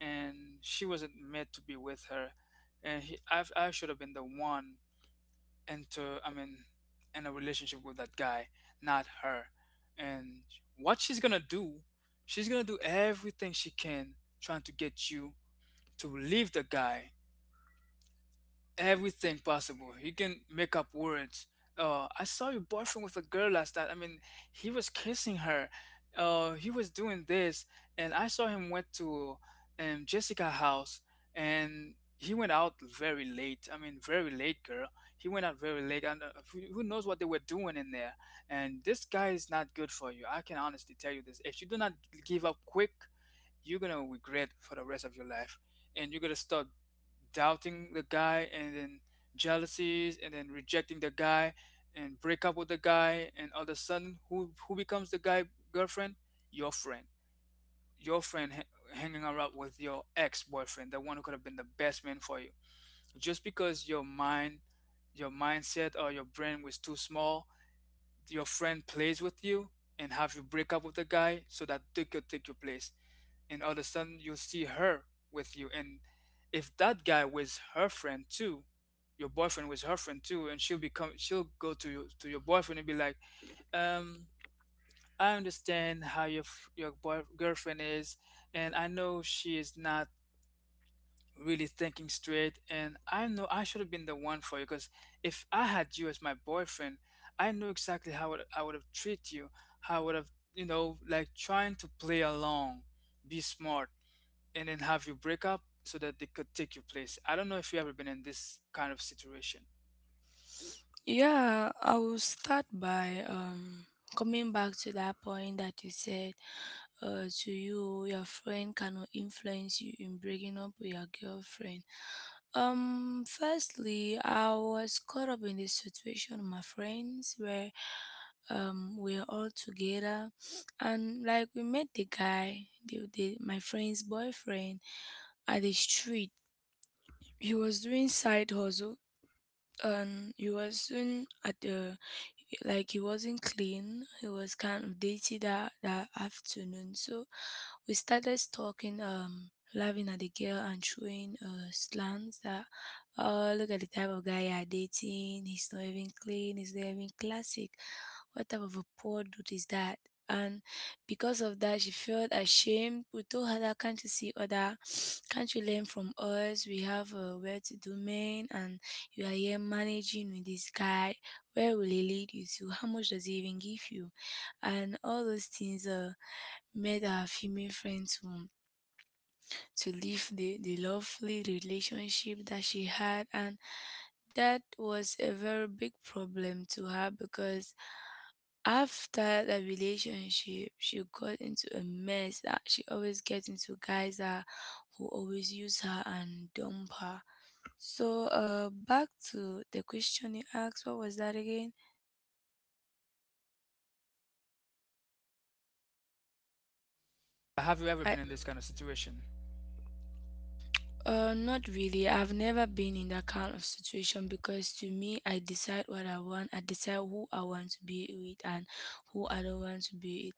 A: and she wasn't meant to be with her. And I should have been the one into I mean in a relationship with that guy, not her. And what she's gonna do, she's gonna do everything she can, trying to get you to leave the guy, everything possible. He can make up words. "I saw your boyfriend with a girl last night. I mean, he was kissing her. He was doing this, and I saw him went to Jessica's house, and he went out very late. I mean, very late, girl. He went out very late, and who knows what they were doing in there? And this guy is not good for you. I can honestly tell you this. If you do not give up quick, you're gonna regret for the rest of your life, and you're gonna start doubting the guy and then jealousies and then rejecting the guy and break up with the guy." And all of a sudden, who becomes the guy girlfriend? Your friend. Your friend hanging around with your ex-boyfriend, the one who could have been the best man for you, just because your mind, your mindset or your brain was too small. Your friend plays with you and have you break up with the guy so that they could take your place, and all of a sudden you'll see her with you. And if that guy was her friend too, your boyfriend was her friend too, and she'll go to you, to your boyfriend, and be like, um "I understand how your your girlfriend is, and I know she is not really thinking straight, and I know I should have been the one for you. Because if I had you as my boyfriend, I knew exactly how I would have treated you, how I would have, you know, like trying to play along, be smart," and then have you break up so that they could take your place. I don't know if you've ever been in this kind of situation.
B: Yeah, I will start by coming back to that point that you said, to you your friend cannot influence you in breaking up with your girlfriend. Firstly, I was caught up in this situation with my friends where we're all together, and like we met the guy, the my friend's boyfriend, at the street. He was doing side hustle, and he wasn't at the like he wasn't clean, he was kind of dirty that afternoon. So we started talking, laughing at the girl and showing slants that, "Oh, look at the type of guy you're dating, he's not even clean, he's not even classic. What type of a poor dude is that?" And because of that she felt ashamed. We told her that, "Can't you see other— can't you learn from us? We have, where to do men, and you are here managing with this guy. Where will he lead you to? How much does he even give you?" And all those things made her female friend to leave the lovely relationship that she had. And that was a very big problem to her, because after that relationship, she got into a mess, that she always gets into guys that, who always use her and dump her. So, back to the question you asked, what was that again?
A: Have you ever
B: I
A: been in this kind of situation?
B: Not really. I've never been in that kind of situation, because to me, I decide what I want. I decide who I want to be with, and who I don't want to be with,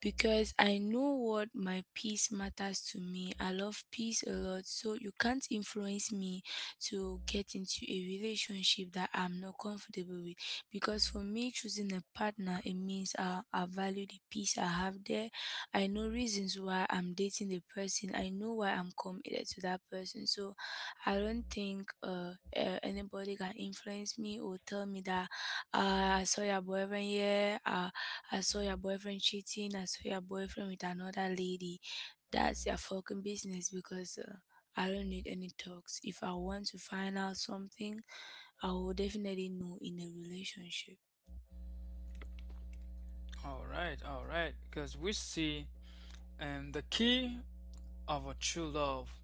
B: because I know what my peace matters to me. I love peace a lot, so you can't influence me to get into a relationship that I'm not comfortable with, because for me, choosing a partner, it means I value the peace I have there. I know reasons why I'm dating the person. I know why I'm committed to that person. So I don't think anybody can influence me or tell me that, I saw your boyfriend here, I saw your boyfriend cheating, I saw your boyfriend with another lady. That's your fucking business, because I don't need any talks. If I want to find out something, I will definitely know in a relationship.
A: All right, all right. Because we see, and the key of a true love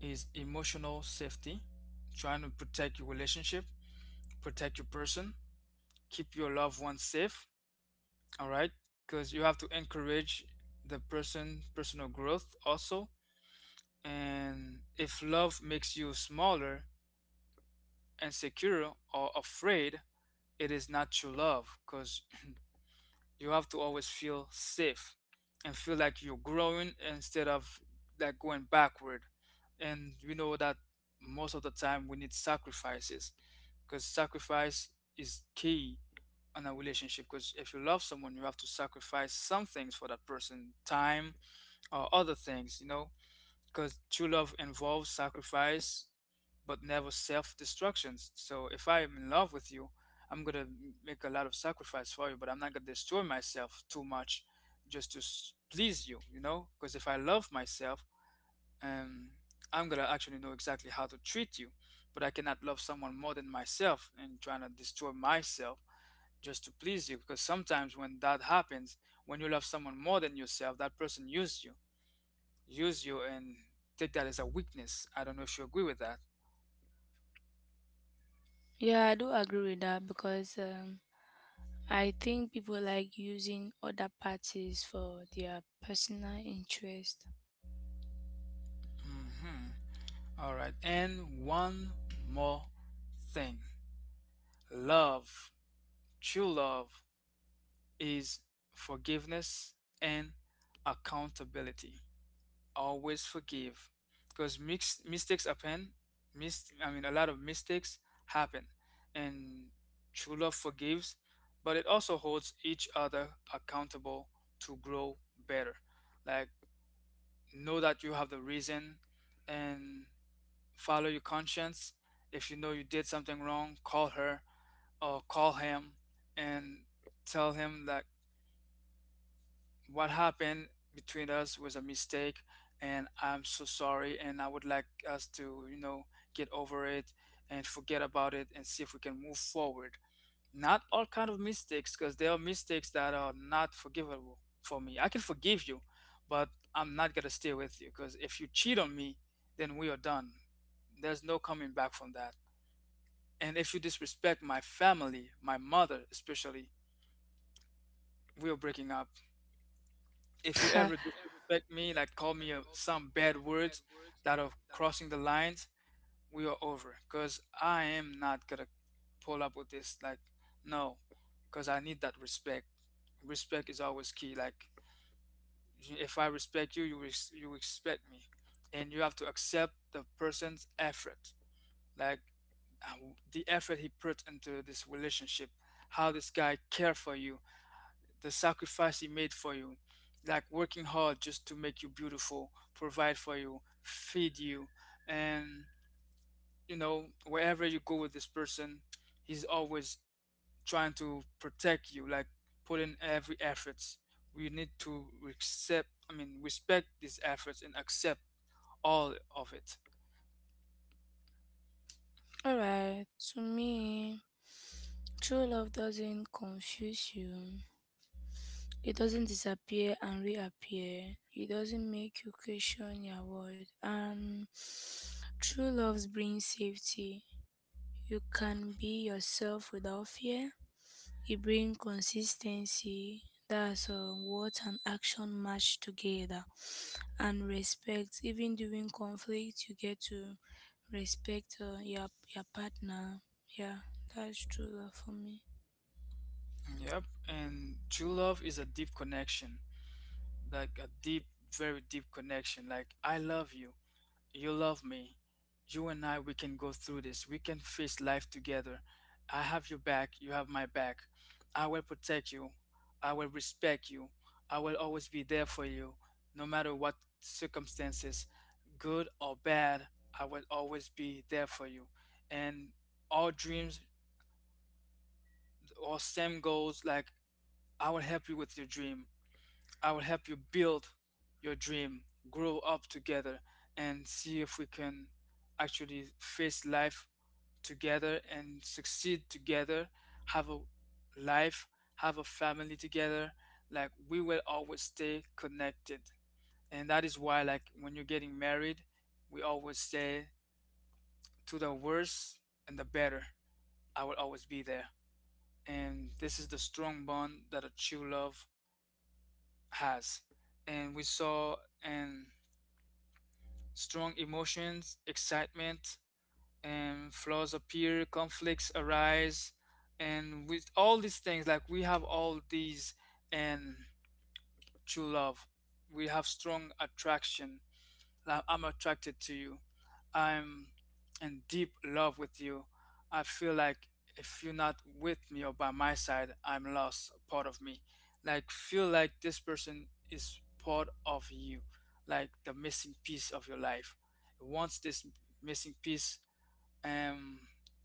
A: is emotional safety, trying to protect your relationship, protect your person, keep your loved ones safe. All right, because you have to encourage the person personal growth also. And if love makes you smaller, insecure, or afraid, it is not true love because you have to always feel safe and feel like you're growing instead of like going backward. And we know that most of the time we need sacrifices, because sacrifice is key on a relationship. Because if you love someone, you have to sacrifice some things for that person, time or other things, you know, because true love involves sacrifice but never self-destructions. So if I am in love with you, I'm gonna make a lot of sacrifice for you, but I'm not gonna destroy myself too much just to please you, you know, because if I love myself, um I'm gonna actually know exactly how to treat you. But I cannot love someone more than myself and trying to destroy myself just to please you, because sometimes when that happens, when you love someone more than yourself, that person uses you, use you and take that as a weakness. I don't know if you agree with that.
B: Yeah, I do agree with that, because I think people like using other parties for their personal interest.
A: Hmm. All right. And one more thing, love, true love, is forgiveness and accountability. Always forgive because mistakes happen. A lot of mistakes happen. And true love forgives, but it also holds each other accountable to grow better. Like, know that you have the reason and follow your conscience. If you know you did something wrong, call her or call him and tell him that what happened between us was a mistake and I'm so sorry and I would like us to, you know, get over it and forget about it and see if we can move forward. Not all kind of mistakes, because there are mistakes that are not forgivable. For me, I can forgive you, but I'm not going to stay with you. Because if you cheat on me, then we are done. There's no coming back from that. And if you disrespect my family, my mother especially, we are breaking up. If you ever disrespect me, like call me some bad words that are crossing the lines, we are over, because I am not going to pull up with this, like, no. Because I need that respect. Respect is always key. Like, if I respect you, you you respect me. And you have to accept the person's effort, like, uh, the effort he put into this relationship, how this guy care for you, the sacrifice he made for you, like working hard just to make you beautiful, provide for you, feed you. And, you know, wherever you go with this person, he's always trying to protect you, like put in every efforts. We need to accept, I mean, respect these efforts and accept all of it.
B: Alright, to me, true love doesn't confuse you. It doesn't disappear and reappear. It doesn't make you question your worth. And true love brings safety. You can be yourself without fear. You bring consistency, that's what an action match together, and respect. Even during conflict, you get to respect your partner. Yeah, that's true for me.
A: Yep. And true love is a deep connection, like a deep, very deep connection. Like, I love you. You love me. You and I, we can go through this. We can face life together. I have your back. You have my back. I will protect you. I will respect you. I will always be there for you, no matter what circumstances, good or bad. I will always be there for you. And all dreams or same goals, like, I will help you with your dream. I will help you build your dream, grow up together, and see if we can actually face life together and succeed together, have a life, have a family together. Like, we will always stay connected. And that is why, like, when you're getting married, we always say to the worse and the better, I will always be there. And this is the strong bond that a true love has. And we saw, and strong emotions, excitement, and flaws appear, conflicts arise, and with all these things, like we have all these and true love. We have strong attraction. Like I'm attracted to you. I'm in deep love with you. I feel like if you're not with me or by my side, I'm lost, part of me. Like, feel like this person is part of you, like the missing piece of your life. Once this missing piece um,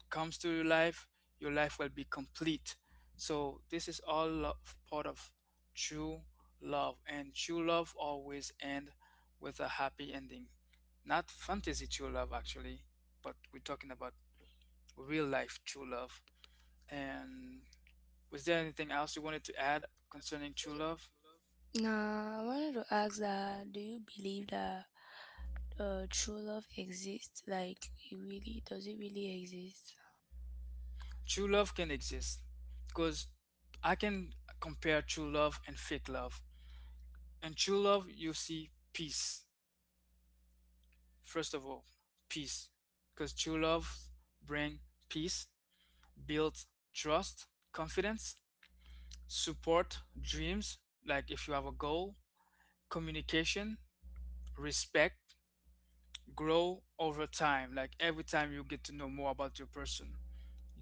A: comes to your life will be complete. So this is all part of true love, and true love always end with a happy ending. Not fantasy true love, actually, but we're talking about real life true love. And was there anything else you wanted to add concerning true love?
B: Now, I wanted to ask that: do you believe that true love exists? Like, it really exist?
A: True love can exist because I can compare true love and fake love. In true love, you see peace. First of all, peace. Because true love brings peace, builds trust, confidence, support dreams, like if you have a goal, communication, respect, grow over time. Like every time you get to know more about your person,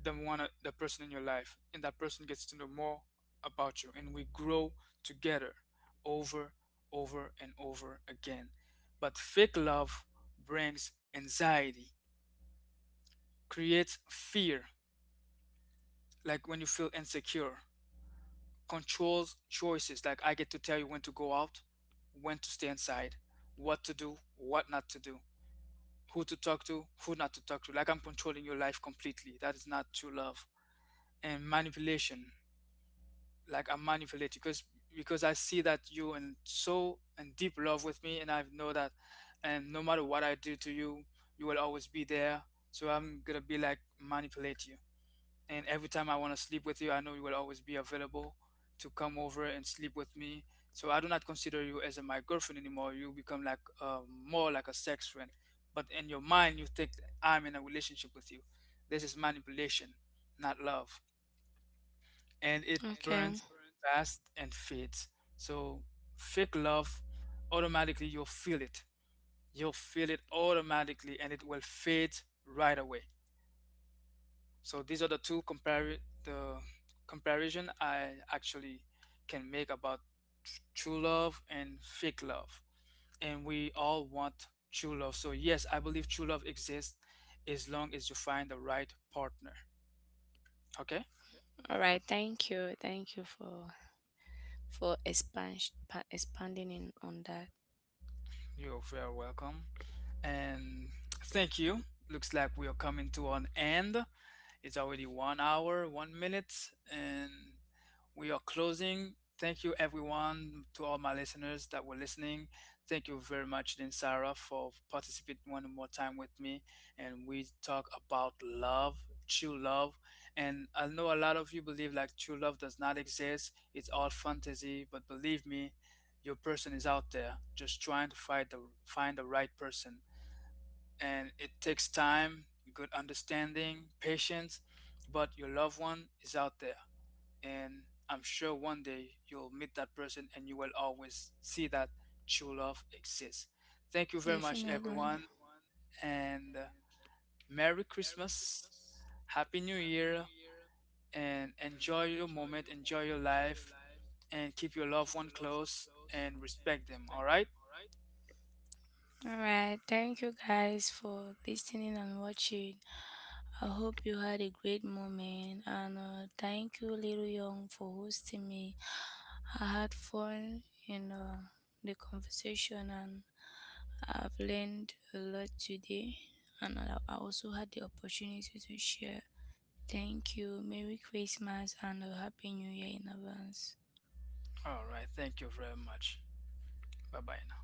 A: the one, the person in your life, and that person gets to know more about you, and we grow together over, over and over again. But fake love brings anxiety, creates fear, like when you feel insecure, controls choices, like I get to tell you when to go out, when to stay inside, what to do, what not to do, who to talk to, who not to talk to. Like I'm controlling your life completely. That is not true love. And manipulation, like I'm manipulating because I see that you're in so in deep love with me, and I know that, and no matter what I do to you, you will always be there. So I'm gonna be like manipulate you. And every time I want to sleep with you, I know you will always be available to come over and sleep with me. So I do not consider you as a, my girlfriend anymore. You become like more like a sex friend. But in your mind, you think that I'm in a relationship with you. This is manipulation, not love. And it
B: Okay.
A: burns fast and fades. So fake love, automatically you'll feel it. You'll feel it automatically and it will fade right away. So these are the two compare the comparison I actually can make about true love and fake love. And we all want true love. So yes, I believe true love exists as long as you find the right partner. Okay?
B: All right. Thank you. Thank you for expanding in on that.
A: You're very welcome. And thank you. Looks like we are coming to an end. It's already one hour, one minute, and we are closing. Thank you, everyone, to all my listeners that were listening. Thank you very much, Lynn Sarah, for participating one more time with me. And we talk about love, true love. And I know a lot of you believe like true love does not exist, it's all fantasy. But believe me, your person is out there just trying to find the right person and it takes time, good understanding, patience, but your loved one is out there. And I'm sure one day you'll meet that person and you will always see that true love exists. Thank you very much,
B: Definitely.
A: everyone, and Merry Christmas, Happy New Year, and enjoy your moment, enjoy your life, and keep your loved one close and respect them, all right?
B: All right. Thank you guys for listening and watching. I hope you had a great moment. And thank you, Little Young, for hosting me. I had fun in the conversation, and I've learned a lot today. And I also had the opportunity to share. Thank you. Merry Christmas and a Happy New Year in advance.
A: All right, thank you very much. Bye bye now.